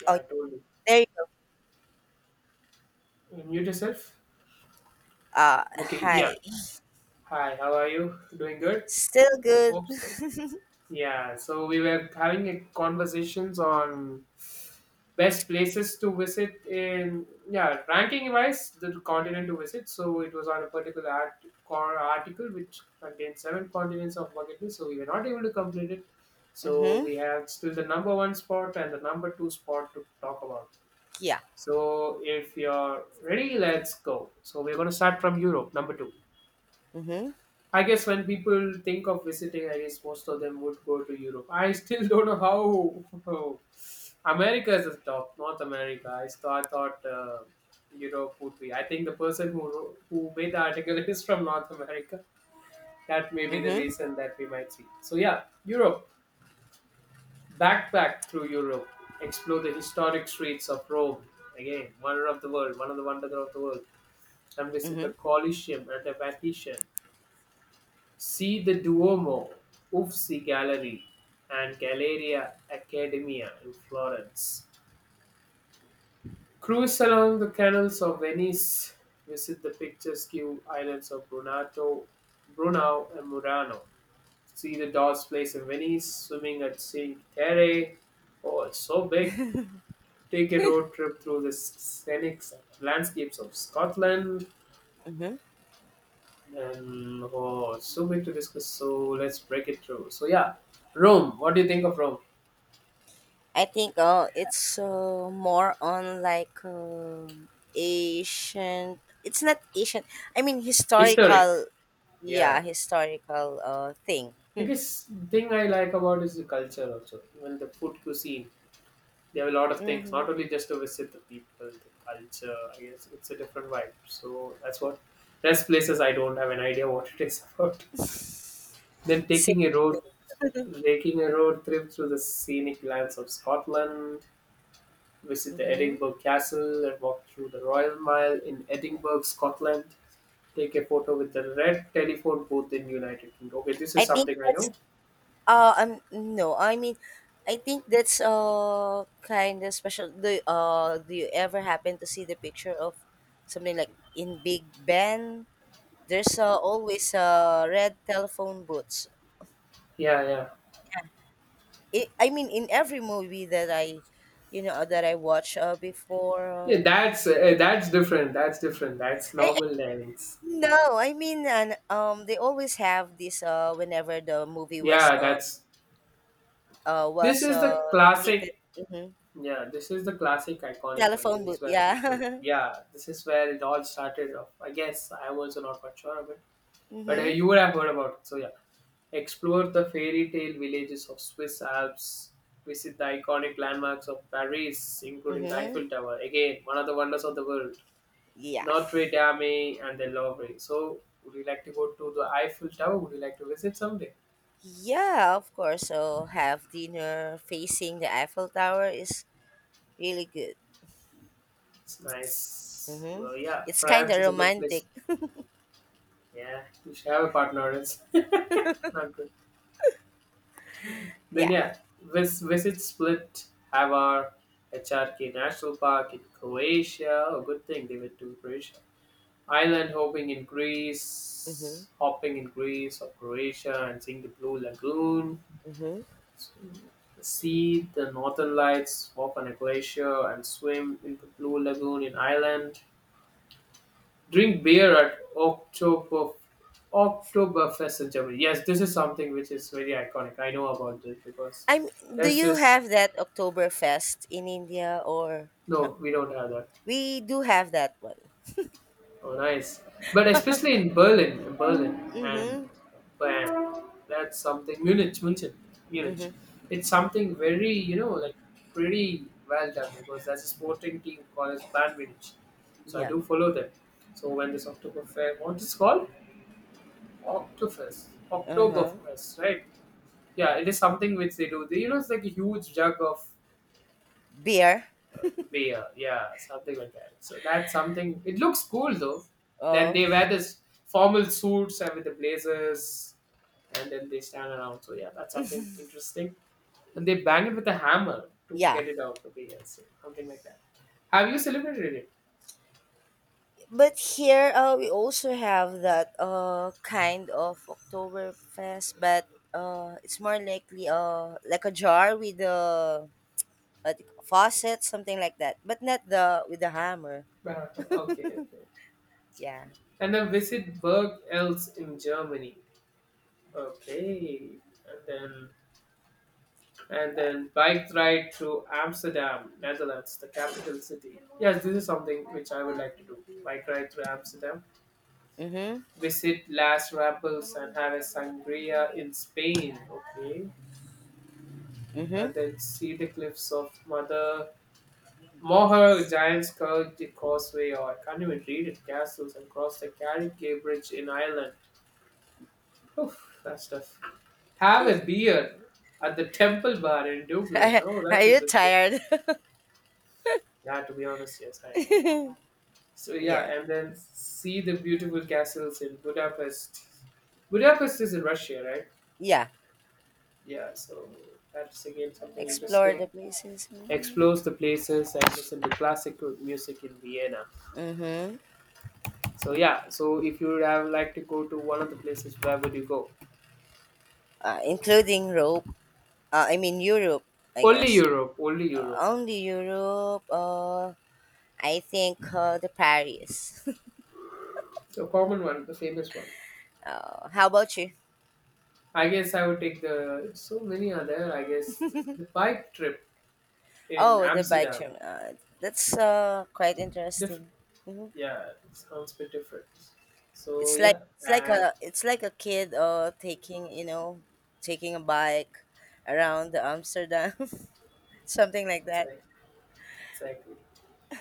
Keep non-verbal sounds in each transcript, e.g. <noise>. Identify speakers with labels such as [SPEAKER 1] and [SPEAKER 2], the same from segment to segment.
[SPEAKER 1] Yeah,
[SPEAKER 2] Oh,
[SPEAKER 1] I told you.
[SPEAKER 2] there you go.
[SPEAKER 1] Mute yourself.
[SPEAKER 2] Uh,
[SPEAKER 1] Okay, yeah.
[SPEAKER 2] Hi.
[SPEAKER 1] Hi, how are you? Doing good?
[SPEAKER 2] Still good.
[SPEAKER 1] Hope so. Yeah, so we were having a conversations on best places to visit in, yeah, ranking wise the continent to visit. So it was on a particular article which contained seven continents of bucket list. So we were not able to complete it. So
[SPEAKER 2] Mm-hmm.
[SPEAKER 1] we have still the number one spot and the number two spot to talk about.
[SPEAKER 2] Yeah.
[SPEAKER 1] So if you're ready, let's go. So we're going to start from Europe, number two.
[SPEAKER 2] Mm-hmm.
[SPEAKER 1] I guess when people think of visiting, I guess most of them would go to Europe. I still <laughs> don't know how. America is the top, North America. I thought Europe would be. I think the person who wrote, who made the article <laughs> is from North America. That may be the
[SPEAKER 2] Mm-hmm.
[SPEAKER 1] reason that we might see. So yeah, Europe. Backpack through Europe. Explore the historic streets of Rome. Again, wonder of the world, one of the wonders of the world. And visit the
[SPEAKER 2] Mm-hmm.
[SPEAKER 1] Colosseum and the Vatican. See the Duomo, Uffizi Gallery, and Galleria Accademia in Florence. Cruise along the canals of Venice, visit the picturesque islands of Brunato, Brunau and Murano. See the Doss Place in Venice, swimming at Cinque Terre. Oh, it's so big. Take a road trip through the scenic landscapes of Scotland.
[SPEAKER 2] Mm-hmm.
[SPEAKER 1] And oh, it's so big to discuss. So let's break it through. So yeah, Rome. What do you think of Rome?
[SPEAKER 2] I think it's more on like ancient. It's not ancient. I mean
[SPEAKER 1] Historic,
[SPEAKER 2] historical. Yeah,
[SPEAKER 1] yeah.
[SPEAKER 2] historical thing.
[SPEAKER 1] I
[SPEAKER 2] Hmm.
[SPEAKER 1] guess thing I like about is the culture also. Even the food cuisine, they have a lot of things.
[SPEAKER 2] Mm-hmm.
[SPEAKER 1] Not only just to visit the people, the culture. I guess it's a different vibe. So that's what. Rest places I don't have an idea what it is <laughs> about.
[SPEAKER 2] <laughs>
[SPEAKER 1] Then taking a road, Taking a road trip through the scenic lands of Scotland, visit the
[SPEAKER 2] Mm-hmm.
[SPEAKER 1] Edinburgh Castle, and walk through the Royal Mile in Edinburgh, Scotland. Take a photo with the red telephone booth in United Kingdom. Okay, this
[SPEAKER 2] I
[SPEAKER 1] is
[SPEAKER 2] think
[SPEAKER 1] something I
[SPEAKER 2] that's.
[SPEAKER 1] know.
[SPEAKER 2] No, I mean, I think that's kind of special. Do you ever happen to see the picture of something like in Big Ben? There's always red telephone booths.
[SPEAKER 1] Yeah, yeah.
[SPEAKER 2] I mean, in every movie that that I watch before.
[SPEAKER 1] Yeah, that's that's different. That's different. That's
[SPEAKER 2] I, I-
[SPEAKER 1] normal dynamics.
[SPEAKER 2] no, I mean, and they always have this whenever the movie was
[SPEAKER 1] Yeah, that's
[SPEAKER 2] uh
[SPEAKER 1] this
[SPEAKER 2] was
[SPEAKER 1] is
[SPEAKER 2] uh
[SPEAKER 1] the
[SPEAKER 2] located.
[SPEAKER 1] classic.
[SPEAKER 2] Mm-hmm.
[SPEAKER 1] Yeah, this is the classic iconic one. This
[SPEAKER 2] Telephone
[SPEAKER 1] is
[SPEAKER 2] booth,
[SPEAKER 1] where people.
[SPEAKER 2] yeah. <laughs>
[SPEAKER 1] Yeah, this is where it all started off. I guess I'm also not quite sure of it, but
[SPEAKER 2] Mm-hmm.
[SPEAKER 1] you would have heard about it. So yeah, explore the fairy tale villages of Swiss Alps. Visit the iconic landmarks of Paris, including the
[SPEAKER 2] Mm-hmm.
[SPEAKER 1] Eiffel Tower. Again, one of the wonders of the world.
[SPEAKER 2] Yeah.
[SPEAKER 1] Notre Dame and the Louvre. So, would you like to go to the Eiffel Tower? Would you like to visit someday?
[SPEAKER 2] Yeah, of course. So have dinner facing the Eiffel Tower is really good.
[SPEAKER 1] It's nice.
[SPEAKER 2] Mm-hmm.
[SPEAKER 1] Well, yeah,
[SPEAKER 2] It's kind of
[SPEAKER 1] France is a good place.
[SPEAKER 2] romantic. <laughs>
[SPEAKER 1] Yeah, you should have a partner. It's <laughs> not good. Then
[SPEAKER 2] Yeah.
[SPEAKER 1] yeah, visit Split, Havar, HRK National Park in Croatia. A good thing they went to Croatia. Island
[SPEAKER 2] Mm-hmm.
[SPEAKER 1] hopping in Greece or Croatia, and seeing the Blue Lagoon.
[SPEAKER 2] Mm-hmm.
[SPEAKER 1] See the northern lights, walk on a glacier, and swim in the blue lagoon in Ireland. Drink beer at Oktoberfest in Germany. Yes, this is something which is very iconic. I know about this because
[SPEAKER 2] I'm. Do
[SPEAKER 1] there's
[SPEAKER 2] you
[SPEAKER 1] this.
[SPEAKER 2] have that Oktoberfest in India or no?
[SPEAKER 1] No, we don't have that.
[SPEAKER 2] We do have that one.
[SPEAKER 1] Oh, nice. But especially in Berlin, and
[SPEAKER 2] Mm-hmm.
[SPEAKER 1] bam, that's something. Munich, Munich.
[SPEAKER 2] Mm-hmm.
[SPEAKER 1] It's something very, you know, like pretty well done because that's a sporting team called as Bayern Munich. So I
[SPEAKER 2] Yeah.
[SPEAKER 1] do follow them. So when this October Fair, what is called? Oktoberfest.
[SPEAKER 2] Uh-huh.
[SPEAKER 1] Oktoberfest, right? Yeah, it is something which they do. They, you know, it's like a huge jug of
[SPEAKER 2] Beer.
[SPEAKER 1] uh, yeah, something like that. So that's something. It looks cool though. Then
[SPEAKER 2] Oh.
[SPEAKER 1] they wear this formal suits and with the blazers, and then they stand around. So yeah, that's something interesting. And they bang it with a hammer to
[SPEAKER 2] Yeah.
[SPEAKER 1] get it out. Okay, yeah, so something like that. Have you celebrated it?
[SPEAKER 2] But here we also have that kind of Oktoberfest, but it's more likely like a jar with a faucet, something like that, but not the with the hammer.
[SPEAKER 1] Barato. Okay, okay.
[SPEAKER 2] Yeah,
[SPEAKER 1] And then visit Berg else in Germany. Okay, and then and
[SPEAKER 2] bye.
[SPEAKER 1] then bike ride through Amsterdam, Netherlands, the capital city. Yes, this is something which I would like to do. Bike ride through Amsterdam,
[SPEAKER 2] Mm-hmm.
[SPEAKER 1] visit Las Rappels and have a sangria in Spain. Okay,
[SPEAKER 2] Mm-hmm.
[SPEAKER 1] and then see the cliffs of Mother Moher, Giant's Curve, the Causeway, or I can't even read it. Castles and cross the Carrick Bridge in Ireland. Oof, that's tough. Have a beer at the Temple Bar in Dublin. Oh,
[SPEAKER 2] <laughs> Are
[SPEAKER 1] that's
[SPEAKER 2] you
[SPEAKER 1] interesting.
[SPEAKER 2] tired?
[SPEAKER 1] Yeah, to be honest, yes, I am. So yeah,
[SPEAKER 2] <laughs> Yeah.
[SPEAKER 1] and then see the beautiful castles in Budapest. Budapest is in Russia, right?
[SPEAKER 2] Yeah.
[SPEAKER 1] Yeah, so that's again something
[SPEAKER 2] Explore the
[SPEAKER 1] interesting.
[SPEAKER 2] places.
[SPEAKER 1] Explores the places and listen to classical music in Vienna.
[SPEAKER 2] Mm-hmm.
[SPEAKER 1] So yeah, so if you would have like to go to one of the places, where would you go?
[SPEAKER 2] Including Europe. I mean Europe, I
[SPEAKER 1] Only
[SPEAKER 2] guess.
[SPEAKER 1] Europe, only Europe.
[SPEAKER 2] Only Europe. I think called Paris.
[SPEAKER 1] The common one, the famous one.
[SPEAKER 2] <laughs> Oh, how about you?
[SPEAKER 1] I guess I would take the so many are there. I guess the bike trip in
[SPEAKER 2] Oh, the bike
[SPEAKER 1] Amsterdam.
[SPEAKER 2] trim. That's quite
[SPEAKER 1] The
[SPEAKER 2] interesting. Hmm.
[SPEAKER 1] yeah, it sounds a bit different. So
[SPEAKER 2] It's like
[SPEAKER 1] yeah,
[SPEAKER 2] it's like
[SPEAKER 1] and
[SPEAKER 2] a it's like a kid taking taking a bike around Amsterdam, <laughs> something like that.
[SPEAKER 1] exactly, exactly.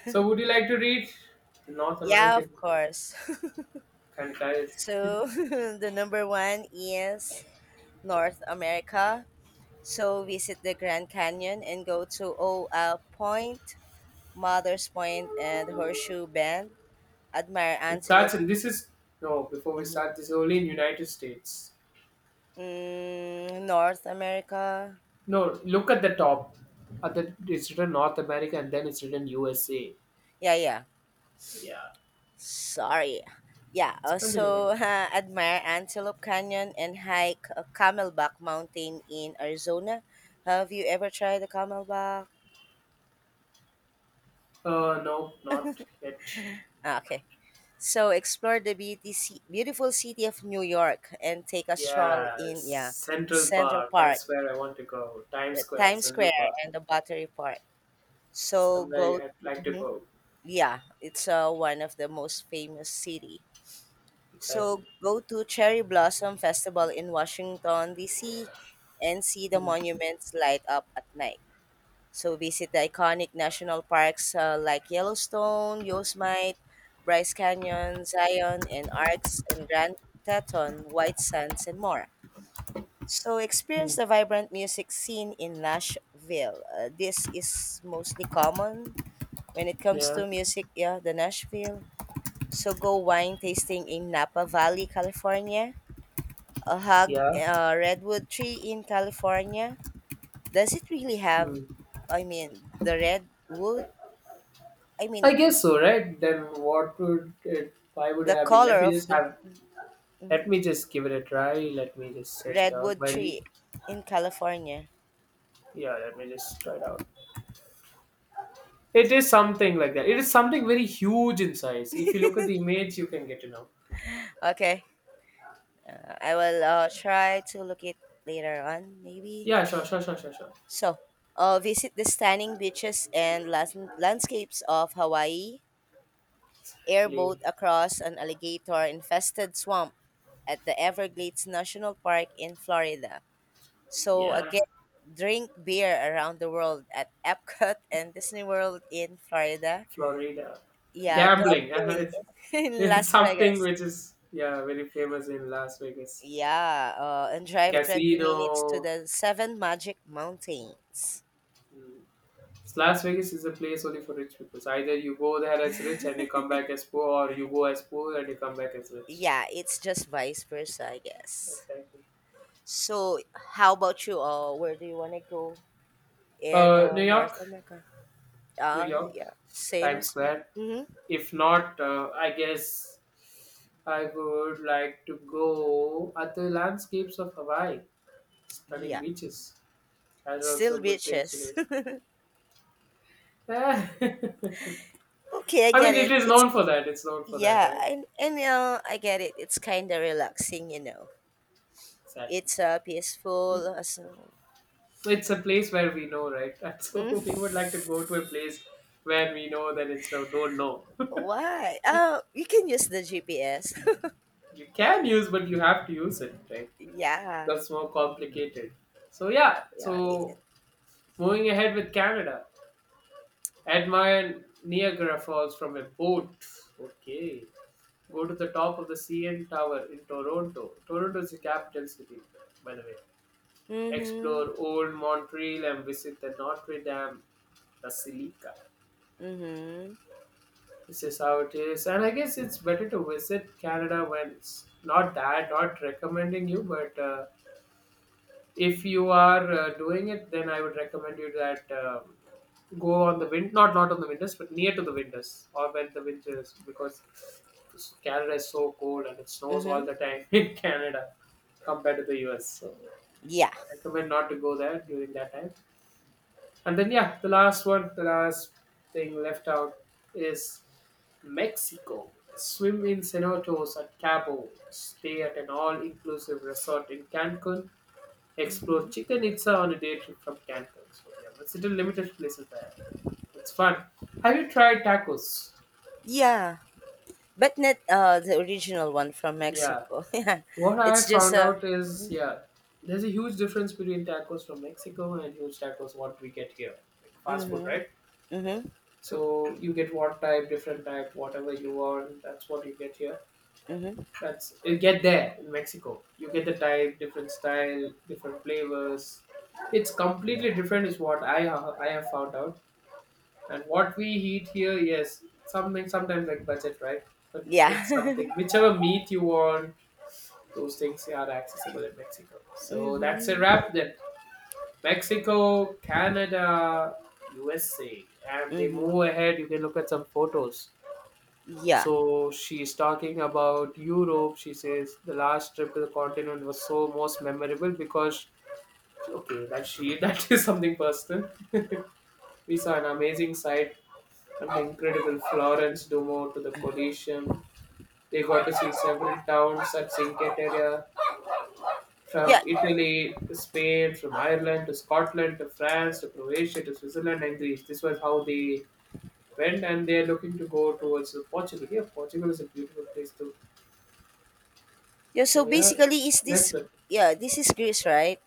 [SPEAKER 1] So would you like to read the North
[SPEAKER 2] Yeah, of
[SPEAKER 1] American
[SPEAKER 2] course. <laughs>
[SPEAKER 1] Cantada? <laughs>
[SPEAKER 2] So <laughs> the number one is North America. So visit the Grand Canyon and go to O Point, Mother's Point, and Horseshoe Bend. Admire
[SPEAKER 1] It starts
[SPEAKER 2] antelope.
[SPEAKER 1] in this is no before we
[SPEAKER 2] Mhm.
[SPEAKER 1] start this is only in United States.
[SPEAKER 2] Mm, North America.
[SPEAKER 1] No, look at the top. At the, it's written North America and then it's written USA.
[SPEAKER 2] Yeah, yeah.
[SPEAKER 1] Yeah,
[SPEAKER 2] Sorry. Yeah,
[SPEAKER 1] it's
[SPEAKER 2] also <laughs>
[SPEAKER 1] continuing.
[SPEAKER 2] admire Antelope Canyon and hike Camelback Mountain in Arizona. Have you ever tried the Camelback?
[SPEAKER 1] No, not yet.
[SPEAKER 2] Ah, okay. So explore the BTC, beautiful city of New York and take a stroll
[SPEAKER 1] Yes,
[SPEAKER 2] in, yeah,
[SPEAKER 1] Central
[SPEAKER 2] Central
[SPEAKER 1] Park.
[SPEAKER 2] Park,
[SPEAKER 1] That's where I want to go. Times
[SPEAKER 2] the
[SPEAKER 1] Square,
[SPEAKER 2] Times
[SPEAKER 1] Central
[SPEAKER 2] Square
[SPEAKER 1] Park.
[SPEAKER 2] and the Battery Park. So go,
[SPEAKER 1] Somewhere I'd like to
[SPEAKER 2] mhm.
[SPEAKER 1] go.
[SPEAKER 2] Yeah, it's one of the most famous city.
[SPEAKER 1] Exactly.
[SPEAKER 2] So go to Cherry Blossom Festival in Washington D.C. and see the
[SPEAKER 1] Mm,
[SPEAKER 2] monuments light up at night. So visit the iconic national parks like Yellowstone, Yosemite, Bryce Canyon, Zion, and Arcs, and Grand Teton, White Sands, and more. So experience
[SPEAKER 1] mm,
[SPEAKER 2] the vibrant music scene in Nashville. This is mostly common when it comes to
[SPEAKER 1] yeah,
[SPEAKER 2] music. Yeah, the Nashville, so go wine tasting in Napa Valley, California. A hug
[SPEAKER 1] yeah.
[SPEAKER 2] a redwood tree in California. Does it really have,
[SPEAKER 1] Mm.
[SPEAKER 2] I mean, the redwood? I
[SPEAKER 1] I
[SPEAKER 2] mean
[SPEAKER 1] guess so, right? Then what would it? Why would it
[SPEAKER 2] the
[SPEAKER 1] have been? Let
[SPEAKER 2] color
[SPEAKER 1] me
[SPEAKER 2] of
[SPEAKER 1] just
[SPEAKER 2] the
[SPEAKER 1] have. Let me just give it a try. Let me just search it out.
[SPEAKER 2] redwood
[SPEAKER 1] While you,
[SPEAKER 2] tree in California.
[SPEAKER 1] yeah, let me just try it out. It is something like that. It is something very huge in size. If you look at the image, you can get to know.
[SPEAKER 2] Okay. I will try to look it later on maybe.
[SPEAKER 1] Yeah, sure, sure, sure, sure, sure.
[SPEAKER 2] So, visit the stunning beaches and landscapes of Hawaii airboat
[SPEAKER 1] Exactly.
[SPEAKER 2] across an alligator infested swamp at the Everglades National Park in Florida. So
[SPEAKER 1] Yeah,
[SPEAKER 2] again, drink beer around the world at Epcot <laughs> and Disney World in Florida.
[SPEAKER 1] Florida.
[SPEAKER 2] Yeah,
[SPEAKER 1] Gambling. <laughs> I
[SPEAKER 2] gambling <laughs> in
[SPEAKER 1] it's
[SPEAKER 2] Las
[SPEAKER 1] something
[SPEAKER 2] Vegas.
[SPEAKER 1] which is yeah very famous in Las Vegas.
[SPEAKER 2] Yeah, and drive 20 minutes to
[SPEAKER 1] Casino.
[SPEAKER 2] the Seven Magic Mountains.
[SPEAKER 1] Hmm. Las Vegas is a place only for rich people. So either you go there as rich and you come back as poor, or you go as poor and you come back as rich.
[SPEAKER 2] Yeah, it's just vice versa, I guess.
[SPEAKER 1] Exactly.
[SPEAKER 2] So, how about you? Where do you want to go in
[SPEAKER 1] New
[SPEAKER 2] North
[SPEAKER 1] York,
[SPEAKER 2] America?
[SPEAKER 1] New
[SPEAKER 2] Ah,
[SPEAKER 1] York,
[SPEAKER 2] yeah. Same
[SPEAKER 1] Times
[SPEAKER 2] as me.
[SPEAKER 1] Square.
[SPEAKER 2] Mm-hmm.
[SPEAKER 1] If not, I guess I would like to go at the landscapes of Hawaii, stunning
[SPEAKER 2] Yeah.
[SPEAKER 1] beaches. That are
[SPEAKER 2] Still
[SPEAKER 1] also good things to
[SPEAKER 2] bitches.
[SPEAKER 1] do. <laughs> I mean,
[SPEAKER 2] <laughs> Okay, I get
[SPEAKER 1] it
[SPEAKER 2] it.
[SPEAKER 1] is
[SPEAKER 2] It's,
[SPEAKER 1] known for that. It's known for that,
[SPEAKER 2] yeah,
[SPEAKER 1] right?
[SPEAKER 2] and I get it. It's kind of relaxing.
[SPEAKER 1] Exactly.
[SPEAKER 2] It's peaceful. So,
[SPEAKER 1] It's a place where we know, right? <laughs> And so we
[SPEAKER 2] mm.
[SPEAKER 1] would like to go to a place where we know that it's no, don't know.
[SPEAKER 2] Why? Oh, you can use the GPS.
[SPEAKER 1] <laughs> you can use, but you have to use it, right?
[SPEAKER 2] <laughs> Yeah.
[SPEAKER 1] That's more complicated. So yeah.
[SPEAKER 2] Yeah.
[SPEAKER 1] So moving ahead with Canada, admire Niagara Falls from a boat. Okay. Go to the top of the CN Tower in Toronto. Toronto is the capital city, by the way.
[SPEAKER 2] Mhm.
[SPEAKER 1] Explore Old Montreal and visit the Notre Dame Basilica.
[SPEAKER 2] Mhm.
[SPEAKER 1] This is how it is. And I guess it's better to visit Canada when it's not that, not recommending you, but if you are doing it, then I would recommend you that go on the wind, not on the winters, but near to the winters or when the winter is, because Canada is so cold and it snows all
[SPEAKER 2] Mhm.
[SPEAKER 1] the time <laughs> in Canada compared to the US. So
[SPEAKER 2] Yeah.
[SPEAKER 1] recommend not to go there during that time. And then, yeah, the last one, the last thing left out is Mexico. Swim in cenotes at Cabo. Stay at an all inclusive resort in Cancun. Explore
[SPEAKER 2] Mhm.
[SPEAKER 1] Chichen Itza on a day trip from Cancun. So, yeah, but still limited places there. It's fun. Have you tried tacos?
[SPEAKER 2] Yeah, but not the original one from
[SPEAKER 1] Yeah.
[SPEAKER 2] Mexico. <laughs> Yeah,
[SPEAKER 1] What I
[SPEAKER 2] it's just
[SPEAKER 1] found
[SPEAKER 2] a.
[SPEAKER 1] out is,
[SPEAKER 2] Mhm.
[SPEAKER 1] yeah, there's a huge difference between tacos from Mexico and huge tacos what we get here. Like fast food,
[SPEAKER 2] Mhm.
[SPEAKER 1] right?
[SPEAKER 2] Mhm.
[SPEAKER 1] So you get what type, different type, whatever you want. That's what you get here.
[SPEAKER 2] Mm-hmm.
[SPEAKER 1] That's you get there in Mexico. You get the type, different style, different flavors. It's completely different, is what I have found out. And what we eat here, yes, something sometimes like budget, right? But it's
[SPEAKER 2] Yeah.
[SPEAKER 1] something
[SPEAKER 2] <laughs>
[SPEAKER 1] whichever meat you want, those things are accessible in Mexico. So that's a
[SPEAKER 2] Mm-hmm.
[SPEAKER 1] wrap then. Mexico, Canada, USA, and they
[SPEAKER 2] Mm-hmm.
[SPEAKER 1] move ahead. You can look at some photos.
[SPEAKER 2] Yeah.
[SPEAKER 1] So she's talking about Europe. She says the last trip to the continent was so most memorable because okay, that she <laughs> that is something personal. <laughs> We saw an amazing sight from the incredible Florence Duomo to the Colosseum. They got to see several towns at Cinque Terre, from
[SPEAKER 2] Yeah.
[SPEAKER 1] Italy to Spain, from Ireland to Scotland to France to Croatia to Switzerland and Greece. This was how they went, and they are looking to go towards the Portugal. Yeah, Portugal is a beautiful place too.
[SPEAKER 2] Yeah. So
[SPEAKER 1] So yeah,
[SPEAKER 2] basically, is
[SPEAKER 1] let's
[SPEAKER 2] this?
[SPEAKER 1] look.
[SPEAKER 2] Yeah, this is Greece, right?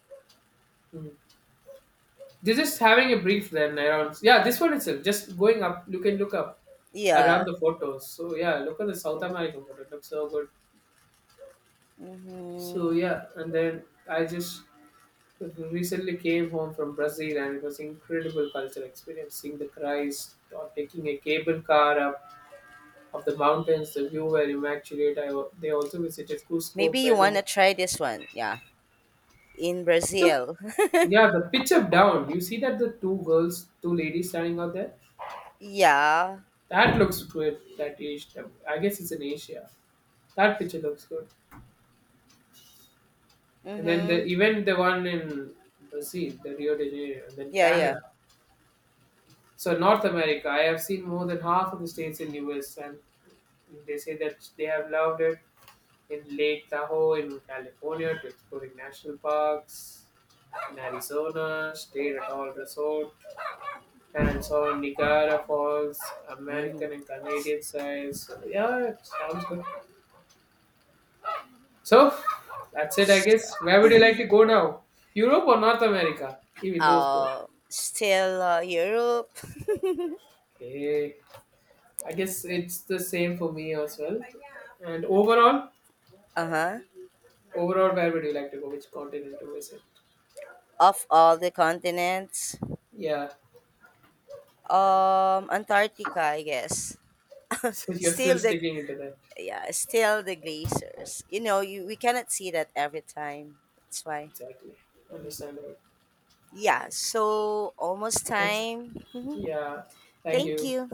[SPEAKER 1] Mm. They're just having a brief then around. Yeah, this one itself. Just going up, you can look up around
[SPEAKER 2] Yeah.
[SPEAKER 1] the photos. So yeah, look at the South American photo. It looks so good. So
[SPEAKER 2] Mm-hmm.
[SPEAKER 1] yeah, and then I just recently came home from Brazil, and it was incredible culture experience. Seeing the Christ or taking a cable car up of the mountains, the view were immaculate. They also visited
[SPEAKER 2] Maybe
[SPEAKER 1] Cusco,
[SPEAKER 2] you wanna
[SPEAKER 1] Peru.
[SPEAKER 2] try this one. Yeah. In
[SPEAKER 1] The,
[SPEAKER 2] Brazil.
[SPEAKER 1] yeah, the pitch up down. You see that the two girls, two ladies standing out there.
[SPEAKER 2] <laughs> Yeah.
[SPEAKER 1] That looks good. That age, I guess it's in Asia. That picture looks good. And then
[SPEAKER 2] Mm-hmm.
[SPEAKER 1] the even the one in Brazil, the Rio de Janeiro, and then
[SPEAKER 2] Yeah. Yeah.
[SPEAKER 1] Canada. So North America, I have seen more than half of the states in US, and they say that they have loved it in Lake Tahoe in California to exploring national parks in Arizona, stayed at all resort, and saw Niagara Falls,
[SPEAKER 2] Mm-hmm.
[SPEAKER 1] American and Canadian size. So yeah, it sounds good. So that's it, I guess. Where would you like to go now? Europe or North America? Even those both.
[SPEAKER 2] Still Europe. <laughs>
[SPEAKER 1] Okay. I guess it's the same for me as well. And overall,
[SPEAKER 2] Uh huh.
[SPEAKER 1] overall, where would you like to go? Which continent to visit?
[SPEAKER 2] Of all the continents,
[SPEAKER 1] Yeah. <laughs>
[SPEAKER 2] Antarctica, I guess. <laughs>
[SPEAKER 1] So you're still
[SPEAKER 2] still the
[SPEAKER 1] sticking into that.
[SPEAKER 2] Yeah, still the Glazers. You know, you we cannot see that every time. That's why.
[SPEAKER 1] Exactly. Understandable.
[SPEAKER 2] Yeah, so almost
[SPEAKER 1] That's
[SPEAKER 2] time. <laughs> Mhm.
[SPEAKER 1] yeah. Thank
[SPEAKER 2] Thank
[SPEAKER 1] you.
[SPEAKER 2] you.